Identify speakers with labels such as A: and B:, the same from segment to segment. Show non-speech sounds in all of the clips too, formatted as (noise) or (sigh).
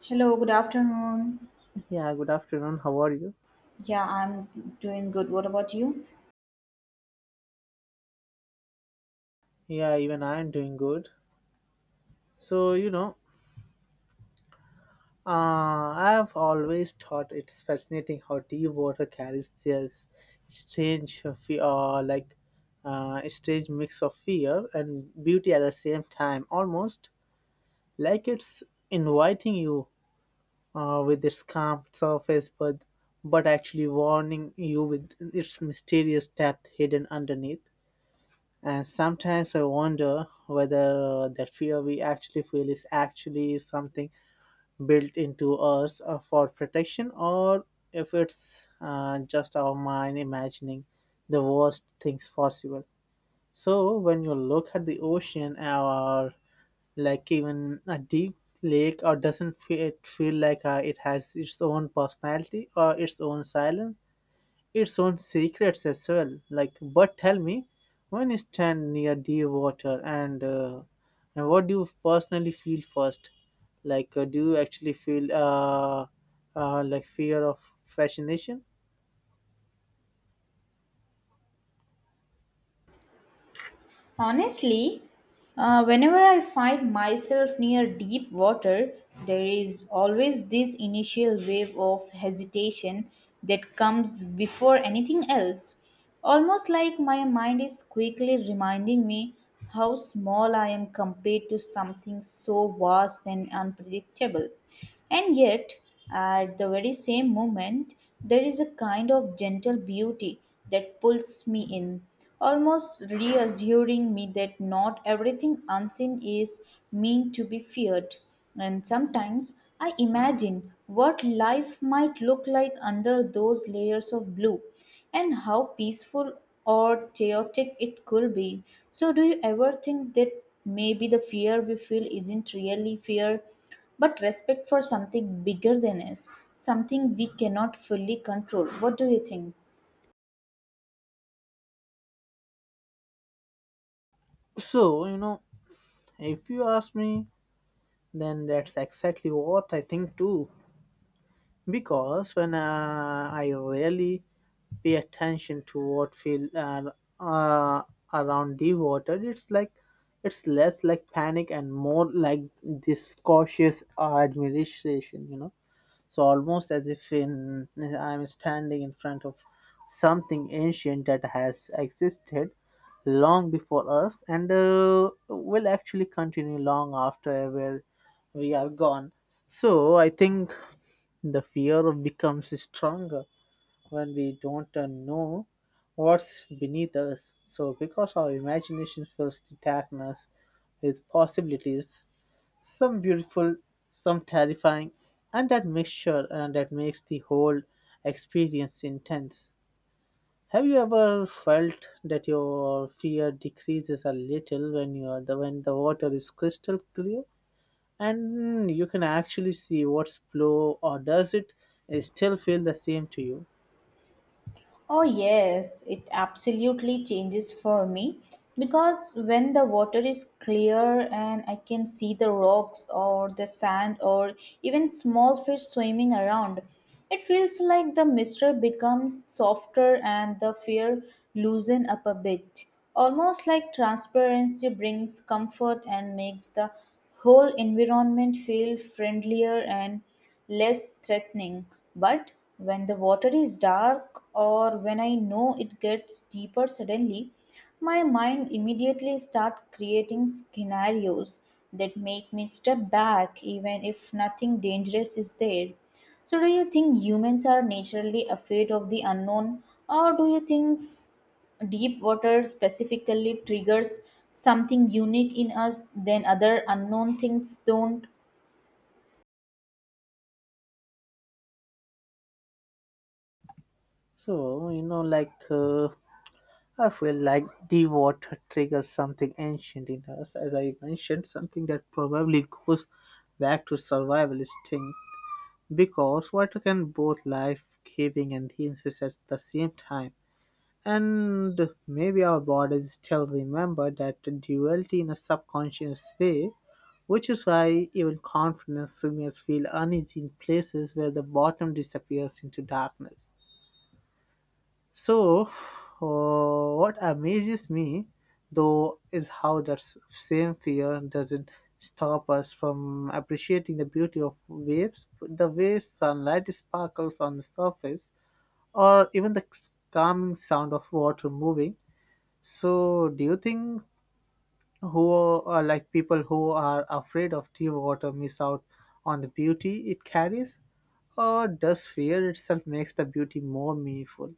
A: Hello, good afternoon.
B: Yeah, good afternoon. How are you?
A: Yeah, I'm doing good. What about you?
B: Yeah, even I am doing good. So, you know, I have always thought it's fascinating how deep water carries this strange fear, like strange mix of fear and beauty at the same time, almost like it's inviting you with its calm surface, but actually warning you with its mysterious depth hidden underneath. And sometimes I wonder whether that fear we actually feel is actually something built into us for protection or if it's just our mind imagining the worst things possible. So when you look at the ocean or like even a deep lake or doesn't fe- it feel like it has its own personality or its own silence, its own secrets as well. But tell me, when you stand near the water, and what do you personally feel first? Do you actually feel like fear of fascination?
A: Honestly, whenever I find myself near deep water, there is always this initial wave of hesitation that comes before anything else. Almost like my mind is quickly reminding me how small I am compared to something so vast and unpredictable. And yet, at the very same moment, there is a kind of gentle beauty that pulls me in, almost reassuring me that not everything unseen is meant to be feared. And sometimes I imagine what life might look like under those layers of blue and how peaceful or chaotic it could be. So, do you ever think that maybe the fear we feel isn't really fear, but respect for something bigger than us, something we cannot fully control? What do you think?
B: So you know, if you ask me, then that's exactly what I think too, because when I really pay attention to what feel uh, around the water, it's like it's less like panic and more like this cautious admiration, you know. So almost as if in I am standing in front of something ancient that has existed long before us and will actually continue long after where we are gone. So I think the fear of becomes stronger when we don't know what's beneath us. So because our imagination fills the darkness with possibilities, some beautiful, some terrifying, and that mixture that makes the whole experience intense. Have you ever felt that your fear decreases a little when you are the when the water is crystal clear and you can actually see what's below, or does it still feel the same to you?
A: Oh, yes, it absolutely changes for me because when the water is clear and I can see the rocks or the sand or even small fish swimming around, it feels like the mystery becomes softer and the fear loosen up a bit. Almost like transparency brings comfort and makes the whole environment feel friendlier and less threatening. But when the water is dark or when I know it gets deeper suddenly, my mind immediately start creating scenarios that make me step back even if nothing dangerous is there. So do you think humans are naturally afraid of the unknown, or do you think deep water specifically triggers something unique in us than other unknown things don't?
B: So you know, like I feel like the water triggers something ancient in us, as I mentioned, something that probably goes back to survival instinct. Because water can both life giving and dangerous at the same time. And maybe our bodies still remember that duality in a subconscious way, which is why even confidence swimmers feel uneasy in places where the bottom disappears into darkness. So, what amazes me though is how that same fear doesn't stop us from appreciating the beauty of waves, the way sunlight sparkles on the surface, or even the calming sound of water moving. So, do you think who are like people who are afraid of deep water miss out on the beauty it carries, or does fear itself makes the beauty more meaningful?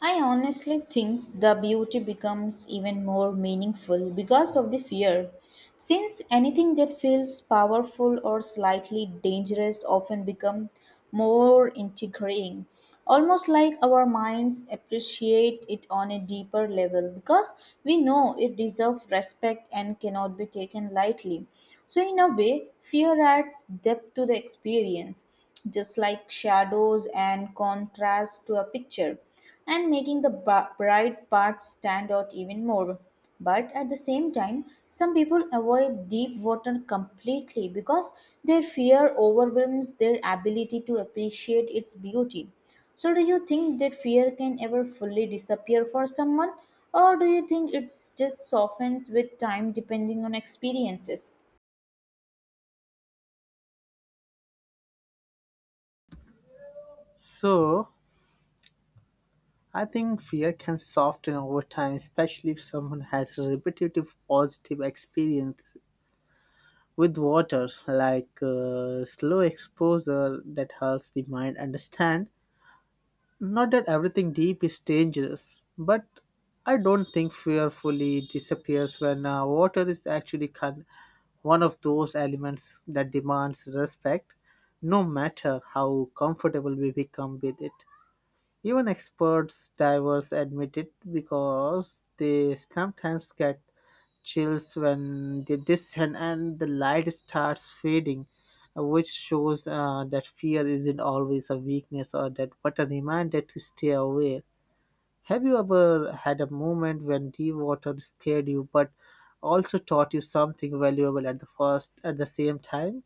A: I honestly think the beauty becomes even more meaningful because of the fear, since anything that feels powerful or slightly dangerous often become more integrating, almost like our minds appreciate it on a deeper level because we know it deserves respect and cannot be taken lightly. So in a way, fear adds depth to the experience, just like shadows and contrast to a picture and making the bright parts stand out even more. But at the same time, some people avoid deep water completely because their fear overwhelms their ability to appreciate its beauty. So, do you think that fear can ever fully disappear for someone, or do you think it's just softens with time depending on experiences?
B: So, I think fear can soften over time, especially if someone has a repetitive positive experience with water, like slow exposure that helps the mind understand. Not that everything deep is dangerous, but I don't think fear fully disappears when water is actually one of those elements that demands respect, no matter how comfortable we become with it. Even experts divers admit it because they sometimes get chills when they descend and the light starts fading, which shows that fear isn't always a weakness or that but a reminder to stay away. Have you ever had a moment when deep water scared you but also taught you something valuable at the first at the same time?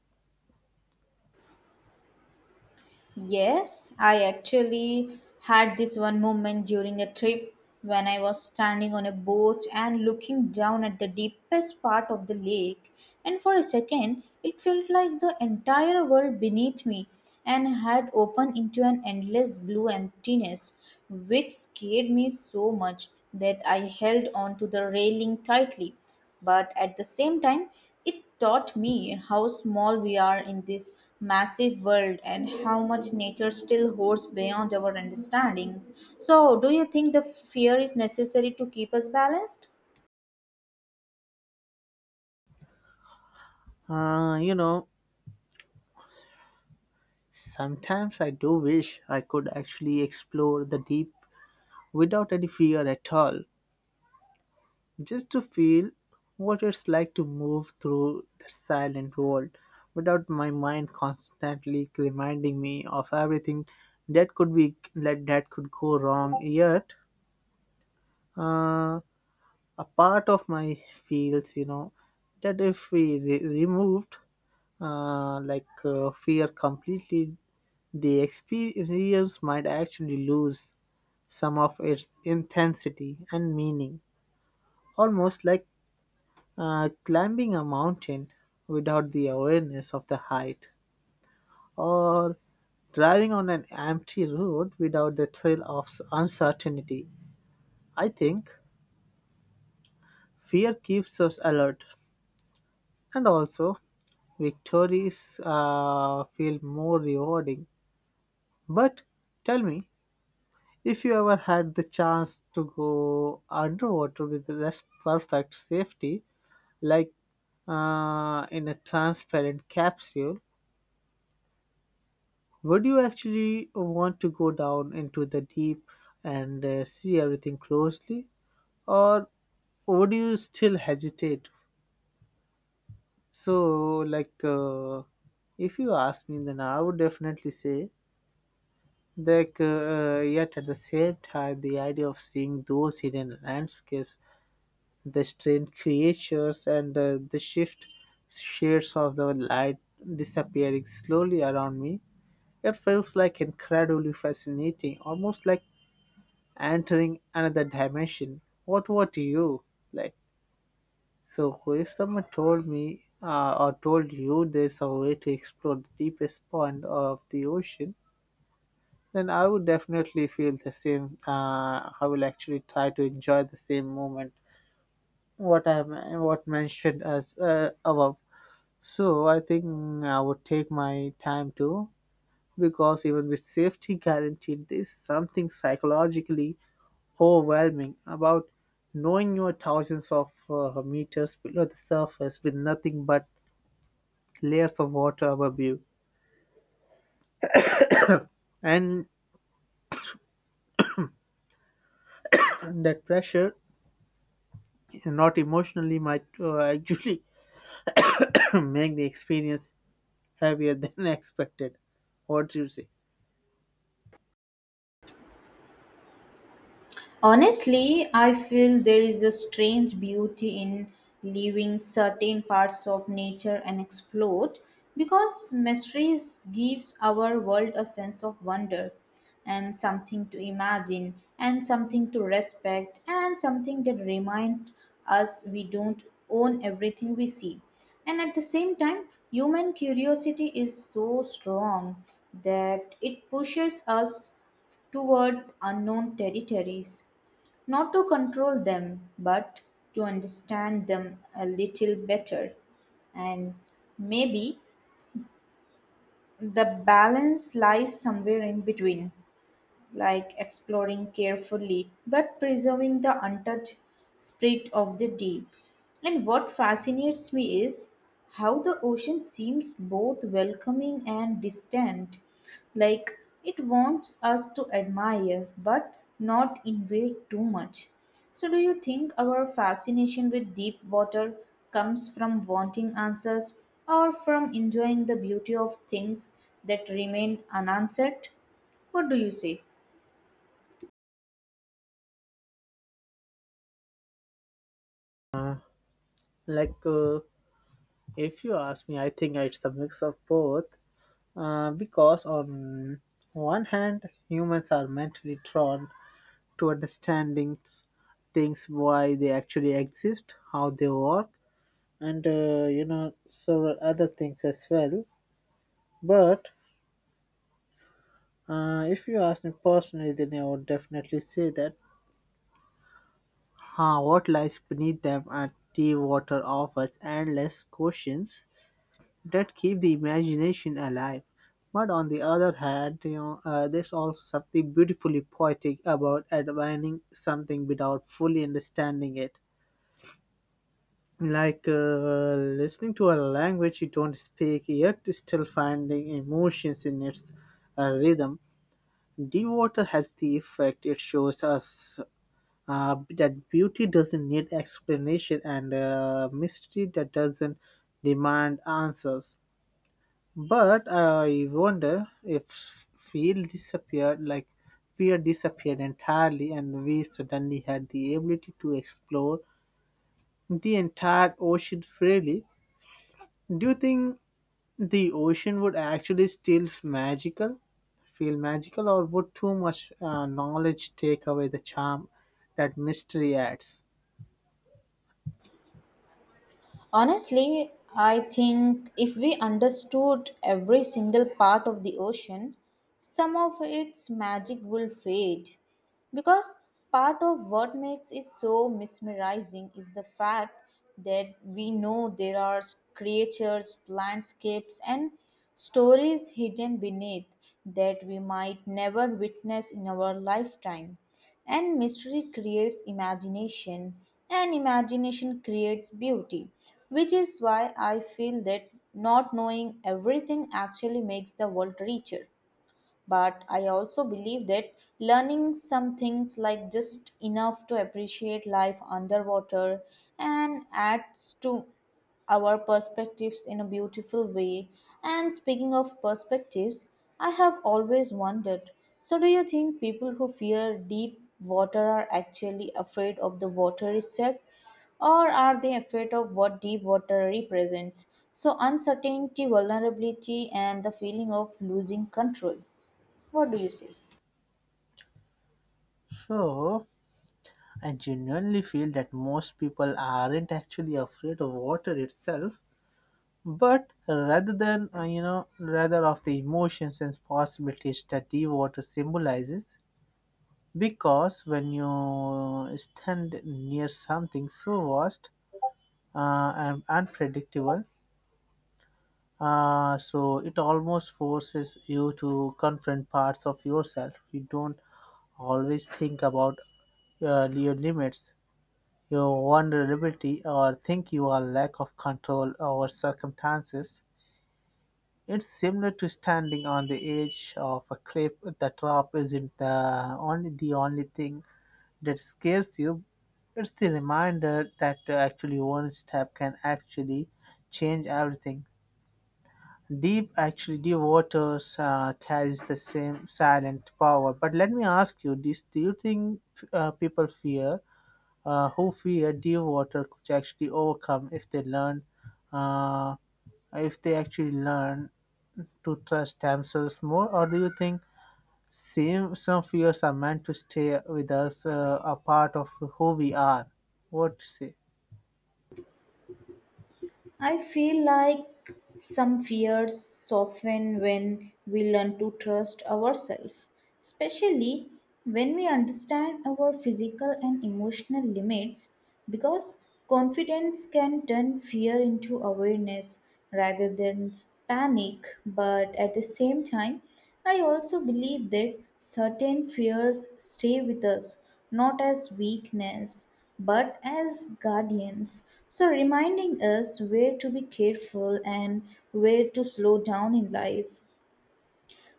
A: Yes, I actually had this one moment during a trip when I was standing on a boat and looking down at the deepest part of the lake, and for a second it felt like the entire world beneath me and had opened into an endless blue emptiness, which scared me so much that I held on to the railing tightly. But at the same time, it taught me how small we are in this massive world and how much nature still holds beyond our understandings. So, do you think the fear is necessary to keep us balanced?
B: Uh, you know, Sometimes I do wish I could actually explore the deep without any fear at all, just to feel what it's like to move through the silent world without my mind constantly reminding me of everything that could go wrong, yet uh, a part of my feels, you know, that if we removed fear completely, the experience might actually lose some of its intensity and meaning. Almost like climbing a mountain without the awareness of the height, or driving on an empty road without the thrill of uncertainty. I think fear keeps us alert, and also victories feel more rewarding. But tell me, if you ever had the chance to go underwater with less perfect safety, like in a transparent capsule, would you actually want to go down into the deep and see everything closely, or would you still hesitate? So, like, uh, if you ask me, then I would definitely say that. Yet at the same time, the idea of seeing those hidden landscapes, the strange creatures, and the shift shades of the light disappearing slowly around me, it feels like incredibly fascinating, almost like entering another dimension. What you like? So if someone told me or told you there's a way to explore the deepest point of the ocean, then I would definitely feel the same. I will actually try to enjoy the same moment. What I am- what mentioned as above. So I think I would take my time too, because even with safety guaranteed, there's something psychologically overwhelming about knowing you're thousands of meters below the surface with nothing but layers of water above you. And that pressure, not emotionally, might (laughs) actually (coughs) make the experience heavier than (laughs) expected. What do you say?
A: Honestly, I feel there is a strange beauty in leaving certain parts of nature unexplored because mysteries gives our world a sense of wonder and something to imagine and something to respect and something that remind us we don't own everything we see. And at the same time, human curiosity is so strong that it pushes us toward unknown territories not to control them, but to understand them a little better. And maybe the balance lies somewhere in between, like exploring carefully but preserving the untouched spirit of the deep. And what fascinates me is how the ocean seems both welcoming and distant, like it wants us to admire but not invade too much. So, do you think our fascination with deep water comes from wanting answers or from enjoying the beauty of things that remain unanswered? What do you say?
B: Like, uh, if you ask me, I think it's a mix of both. Because on one hand, humans are mentally drawn to understanding things, why they actually exist, how they work, and you know, several other things as well. But if you ask me personally, then I would definitely say that. Huh? What lies beneath them Are deep water offers endless questions that keep the imagination alive, but on the other hand, you know, there's also something beautifully poetic about admiring something without fully understanding it. like uh, Listening to a language you don't speak, yet still finding emotions in its rhythm. Deep water has the effect it shows us that beauty doesn't need explanation and mystery that doesn't demand answers. But I wonder if fear disappeared entirely and we suddenly had the ability to explore the entire ocean freely. Do you think the ocean would actually feel magical, or would too much knowledge take away the charm that mystery adds?
A: Honestly, I think if we understood every single part of the ocean, some of its magic will fade. Because part of what makes it so mesmerizing is the fact that we know there are creatures, landscapes, and stories hidden beneath that we might never witness in our lifetime. And mystery creates imagination, and imagination creates beauty, which is why I feel that not knowing everything actually makes the world richer. But I also believe that learning some things, like just enough to appreciate life underwater, and adds to our perspectives in a beautiful way. And speaking of perspectives, I have always wondered, so, do you think people who fear deep water are actually afraid of the water itself? Or are they afraid of what deep water represents? So, uncertainty, vulnerability, and the feeling of losing control. What do you say?
B: So, I genuinely feel that most people aren't actually afraid of water itself, but rather than rather of the emotions and possibilities that the water symbolizes. Because when you stand near something so vast and unpredictable, so it almost forces you to confront parts of yourself you don't always think about, your limits, your vulnerability, or think you are lack of control over circumstances. It's similar to standing on the edge of a cliff. The drop isn't the only thing that scares you. It's the reminder that actually one step can actually change everything. Deep actually deep waters carries the same silent power. But let me ask you this: do you think people fear who fear deep water could actually overcome if they learn uh, if they actually learn to trust themselves more, or do you think same some fears are meant to stay with us, a part of who we are? What to say?
A: I feel like some fears soften when we learn to trust ourselves, especially when we understand our physical and emotional limits, because confidence can turn fear into awareness rather than panic. But at the same time, I also believe that certain fears stay with us, not as weakness but as guardians. So, reminding us where to be careful and where to slow down in life.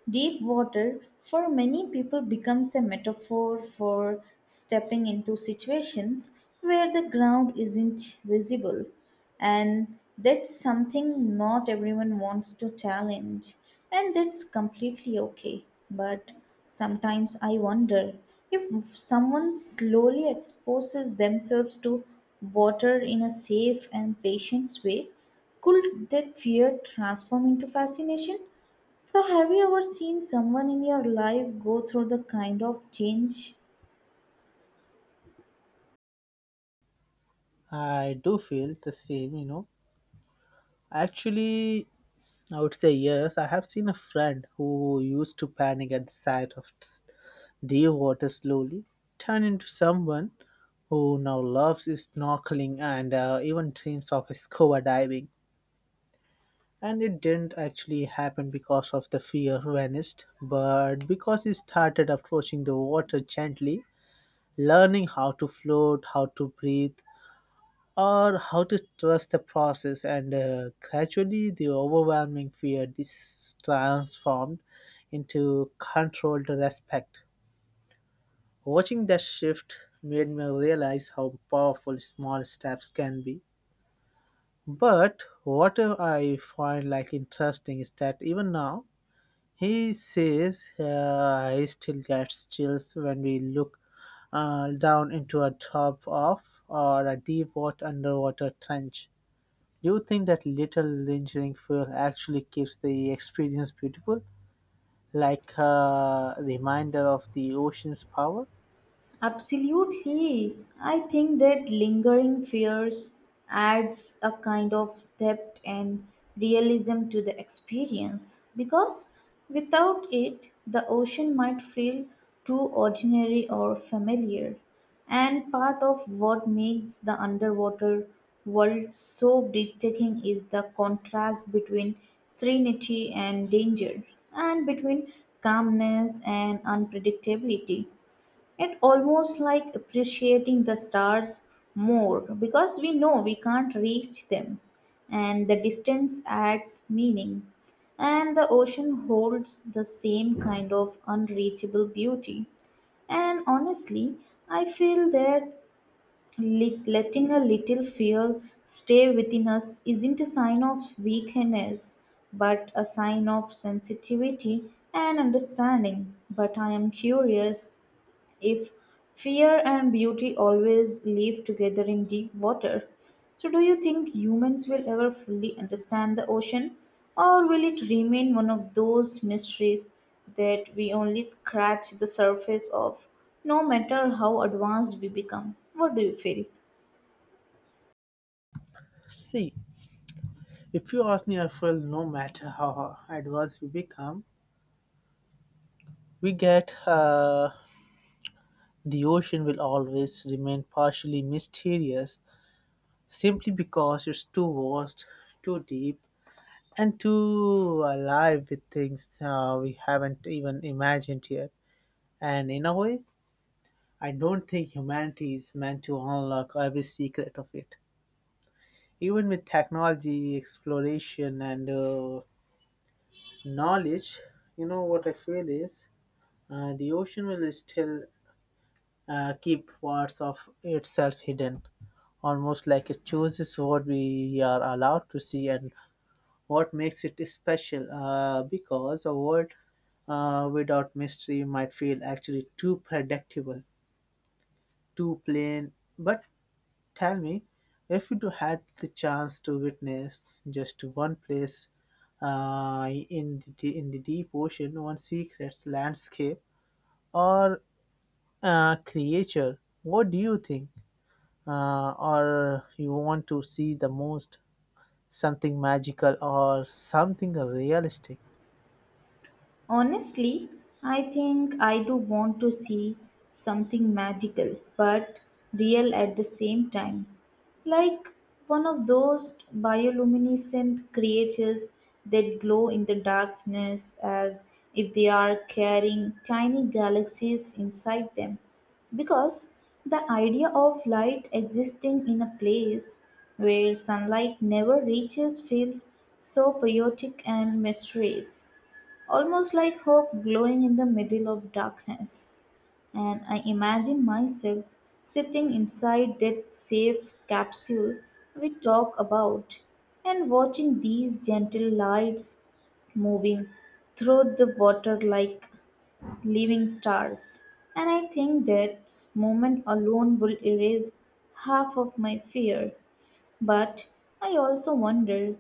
A: Deep water for many people becomes a metaphor for stepping into situations where the ground isn't visible, and that's something not everyone wants to challenge, and that's completely okay. But sometimes I wonder, if someone slowly exposes themselves to water in a safe and patient way, could that fear transform into fascination? So, have you ever seen someone in your life go through the kind of change?
B: I do feel the same. You know, actually I would say yes. I have seen a friend who used to panic at the sight of deer water slowly turn into someone who now loves snorkeling and even dreams of scuba diving. And it didn't actually happen because of the fear vanished, but because he started approaching the water gently, learning how to float, how to breathe, or how to trust the process, and gradually the overwhelming fear is transformed into controlled respect. Watching that shift made me realize how powerful small steps can be. But what I find like interesting is that even now he says he still gets chills when we look down into a drop off or a deep water underwater trench. You think that little lingering feel actually keeps the experience beautiful, like a reminder of the ocean's power?
A: Absolutely. I think that lingering fears adds a kind of depth and realism to the experience because without it, the ocean might feel too ordinary or familiar. And part of what makes the underwater world so breathtaking is the contrast between serenity and danger, and between calmness and unpredictability. It almost like appreciating the stars more because we know we can't reach them, and the distance adds meaning, and the ocean holds the same kind of unreachable beauty. And honestly, I feel that letting a little fear stay within us isn't a sign of weakness but a sign of sensitivity and understanding. But I am curious if fear and beauty always live together in deep water. So, do you think humans will ever fully understand the ocean, or will it remain one of those mysteries that we only scratch the surface of, no matter how advanced we become? What do you feel?
B: See, if you ask me, I feel no matter how advanced we become, we get the ocean will always remain partially mysterious, simply because it's too vast, too deep, and too alive with things we haven't even imagined yet. And in a way, I don't think humanity is meant to unlock every secret of it. Even with technology, exploration, and knowledge, you know what I feel is the ocean will still keep parts of itself hidden, almost like it chooses what we are allowed to see and what makes it special. Because a world without mystery might feel actually too predictable, too plain, but tell me, if you had the chance to witness just one place in the deep ocean, one secret landscape or creature, what do you think? Or you want to see the most something magical or something realistic?
A: Honestly, I think I do want to see something magical but real at the same time. Like one of those bioluminescent creatures that glow in the darkness as if they are carrying tiny galaxies inside them. Because the idea of light existing in a place where sunlight never reaches feels so poetic and mysterious, almost like hope glowing in the middle of darkness. And I imagine myself sitting inside that safe capsule we talk about and watching these gentle lights moving through the water like living stars. And I think that moment alone will erase half of my fear. But I also wonder,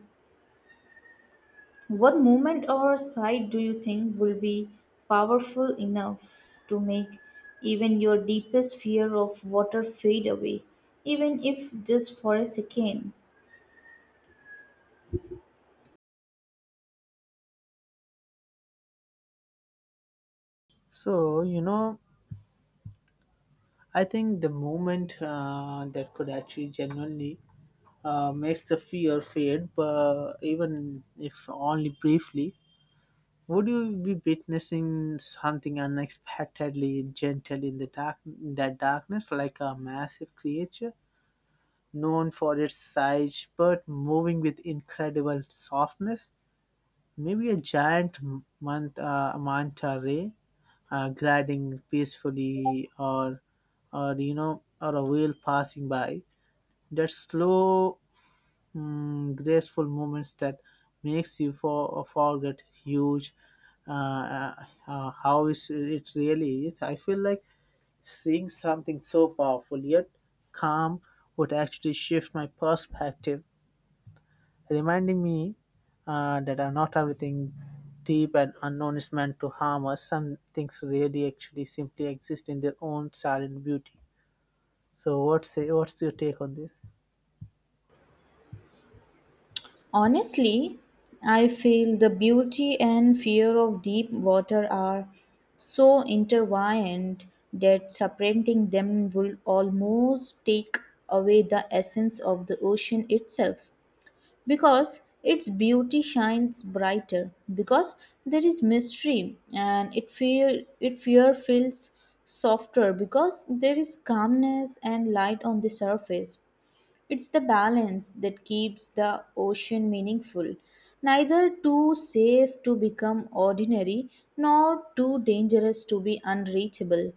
A: what movement or sight do you think will be powerful enough to make even your deepest fear of water fade away, even if just for a second?
B: So you know, I think the moment that could actually genuinely makes the fear fade, but even if only briefly, would you be witnessing something unexpectedly gentle in the dark that darkness, like a massive creature known for its size but moving with incredible softness? Maybe a giant manta ray gliding peacefully, or or a whale passing by. That slow graceful moments that makes you forget huge uh, uh, how is it really is. I feel like seeing something so powerful yet calm would actually shift my perspective, reminding me that are not everything deep and unknown is meant to harm us. Some things really actually simply exist in their own silent beauty. So what's your take on this?
A: Honestly, I feel the beauty and fear of deep water are so intertwined that separating them will almost take away the essence of the ocean itself. Because its beauty shines brighter because there is mystery, and it fear feels softer because there is calmness and light on the surface. It's the balance that keeps the ocean meaningful, neither too safe to become ordinary nor too dangerous to be unreachable.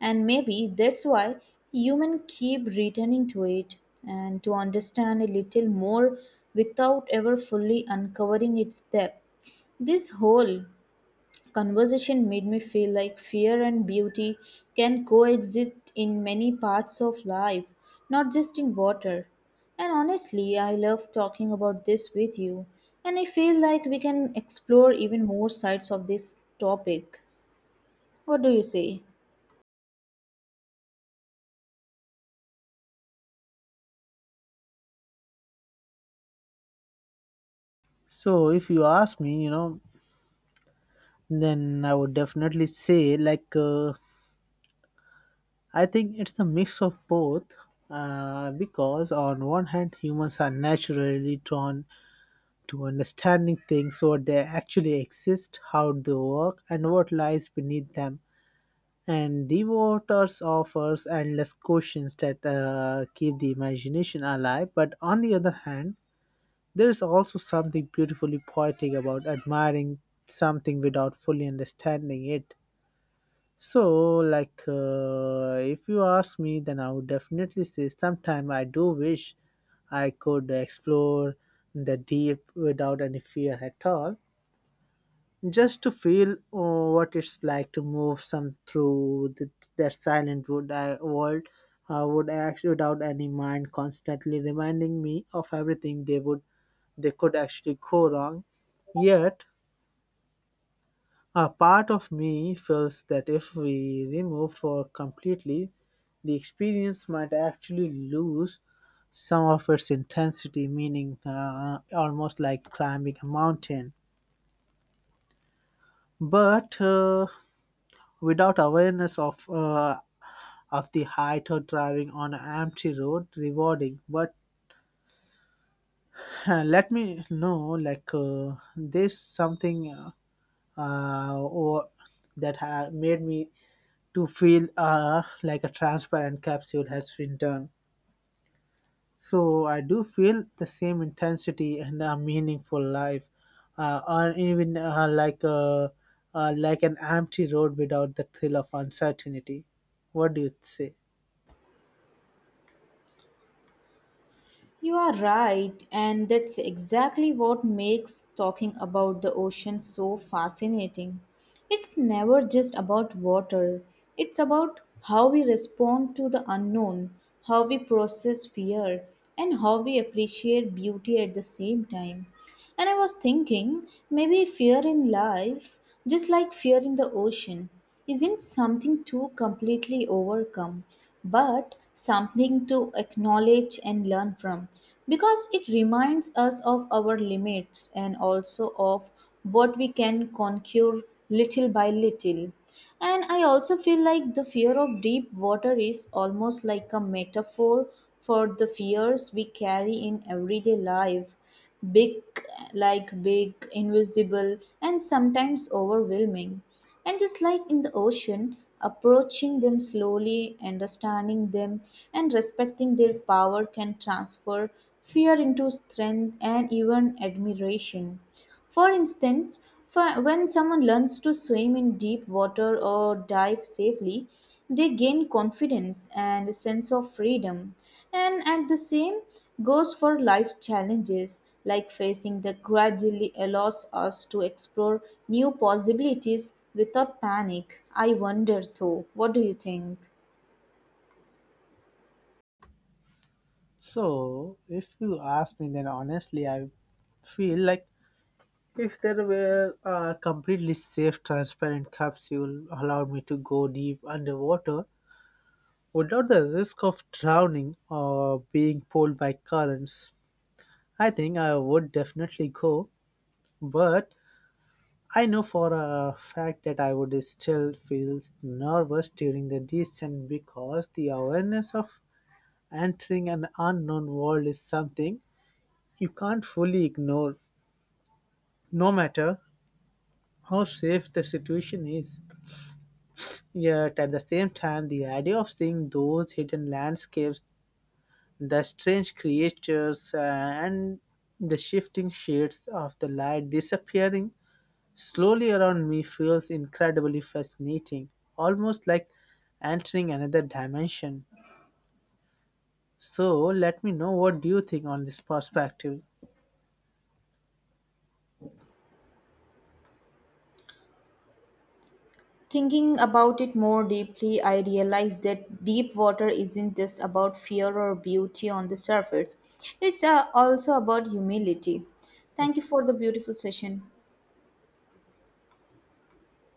A: And maybe that's why humans keep returning to it and to understand a little more without ever fully uncovering its depth. This whole conversation made me feel like fear and beauty can coexist in many parts of life, not just in water. And honestly, I love talking about this with you, and I feel like we can explore even more sides of this topic. What do you say?
B: So if you ask me, then I would definitely say, like, I think it's a mix of both. Because on one hand, humans are naturally drawn to understanding things, what they actually exist, how they work, and what lies beneath them. And Devotees offers endless questions that keep the imagination alive. But on the other hand, there is also something beautifully poetic about admiring something without fully understanding it. So, like, if you ask me, then I would definitely say sometime I do wish I could explore the deep without any fear at all, just to feel what it's like to move some through the, that silent wood I, world. I would act without any mind constantly reminding me of everything they would they could actually go wrong. Yet a part of me feels that if we remove for completely, the experience might actually lose some of its intensity, meaning almost like climbing a mountain. But without awareness of the height or driving on an empty road, rewarding. But let me know, like this something or that made me to feel like a transparent capsule has been done. So I do feel the same intensity and a meaningful life, or even like like an empty road without the thrill of uncertainty. What do you say?
A: You are right, and that's exactly what makes talking about the ocean so fascinating. It's never just about water, it's about how we respond to the unknown, how we process fear, and how we appreciate beauty at the same time. And I was thinking, maybe fear in life, just like fear in the ocean, isn't something to completely overcome, but something to acknowledge and learn from. Because it reminds us of our limits and also of what we can conquer little by little. And I also feel like the fear of deep water is almost like a metaphor for the fears we carry in everyday life. Big, like big, invisible, and sometimes overwhelming. And just like in the ocean, approaching them slowly, understanding them, and respecting their power can transfer fear into strength and even admiration. For instance, for when someone learns to swim in deep water or dive safely, they gain confidence and a sense of freedom. And at the same goes for life challenges like facing the gradually allows us to explore new possibilities without panic. I wonder though, what do you think?
B: So if you ask me, then honestly, I feel like if there were a completely safe, transparent capsule allowed me to go deep underwater, without the risk of drowning or being pulled by currents, I think I would definitely go. But I know for a fact that I would still feel nervous during the descent because the awareness of entering an unknown world is something you can't fully ignore, no matter how safe the situation is. Yet at the same time, the idea of seeing those hidden landscapes, the strange creatures and the shifting shades of the light disappearing slowly around me feels incredibly fascinating, almost like entering another dimension. So, let me know what do you think on this perspective.
A: Thinking about it more deeply, I realized that deep water isn't just about fear or beauty on the surface, it's also about humility. Thank you for the beautiful session.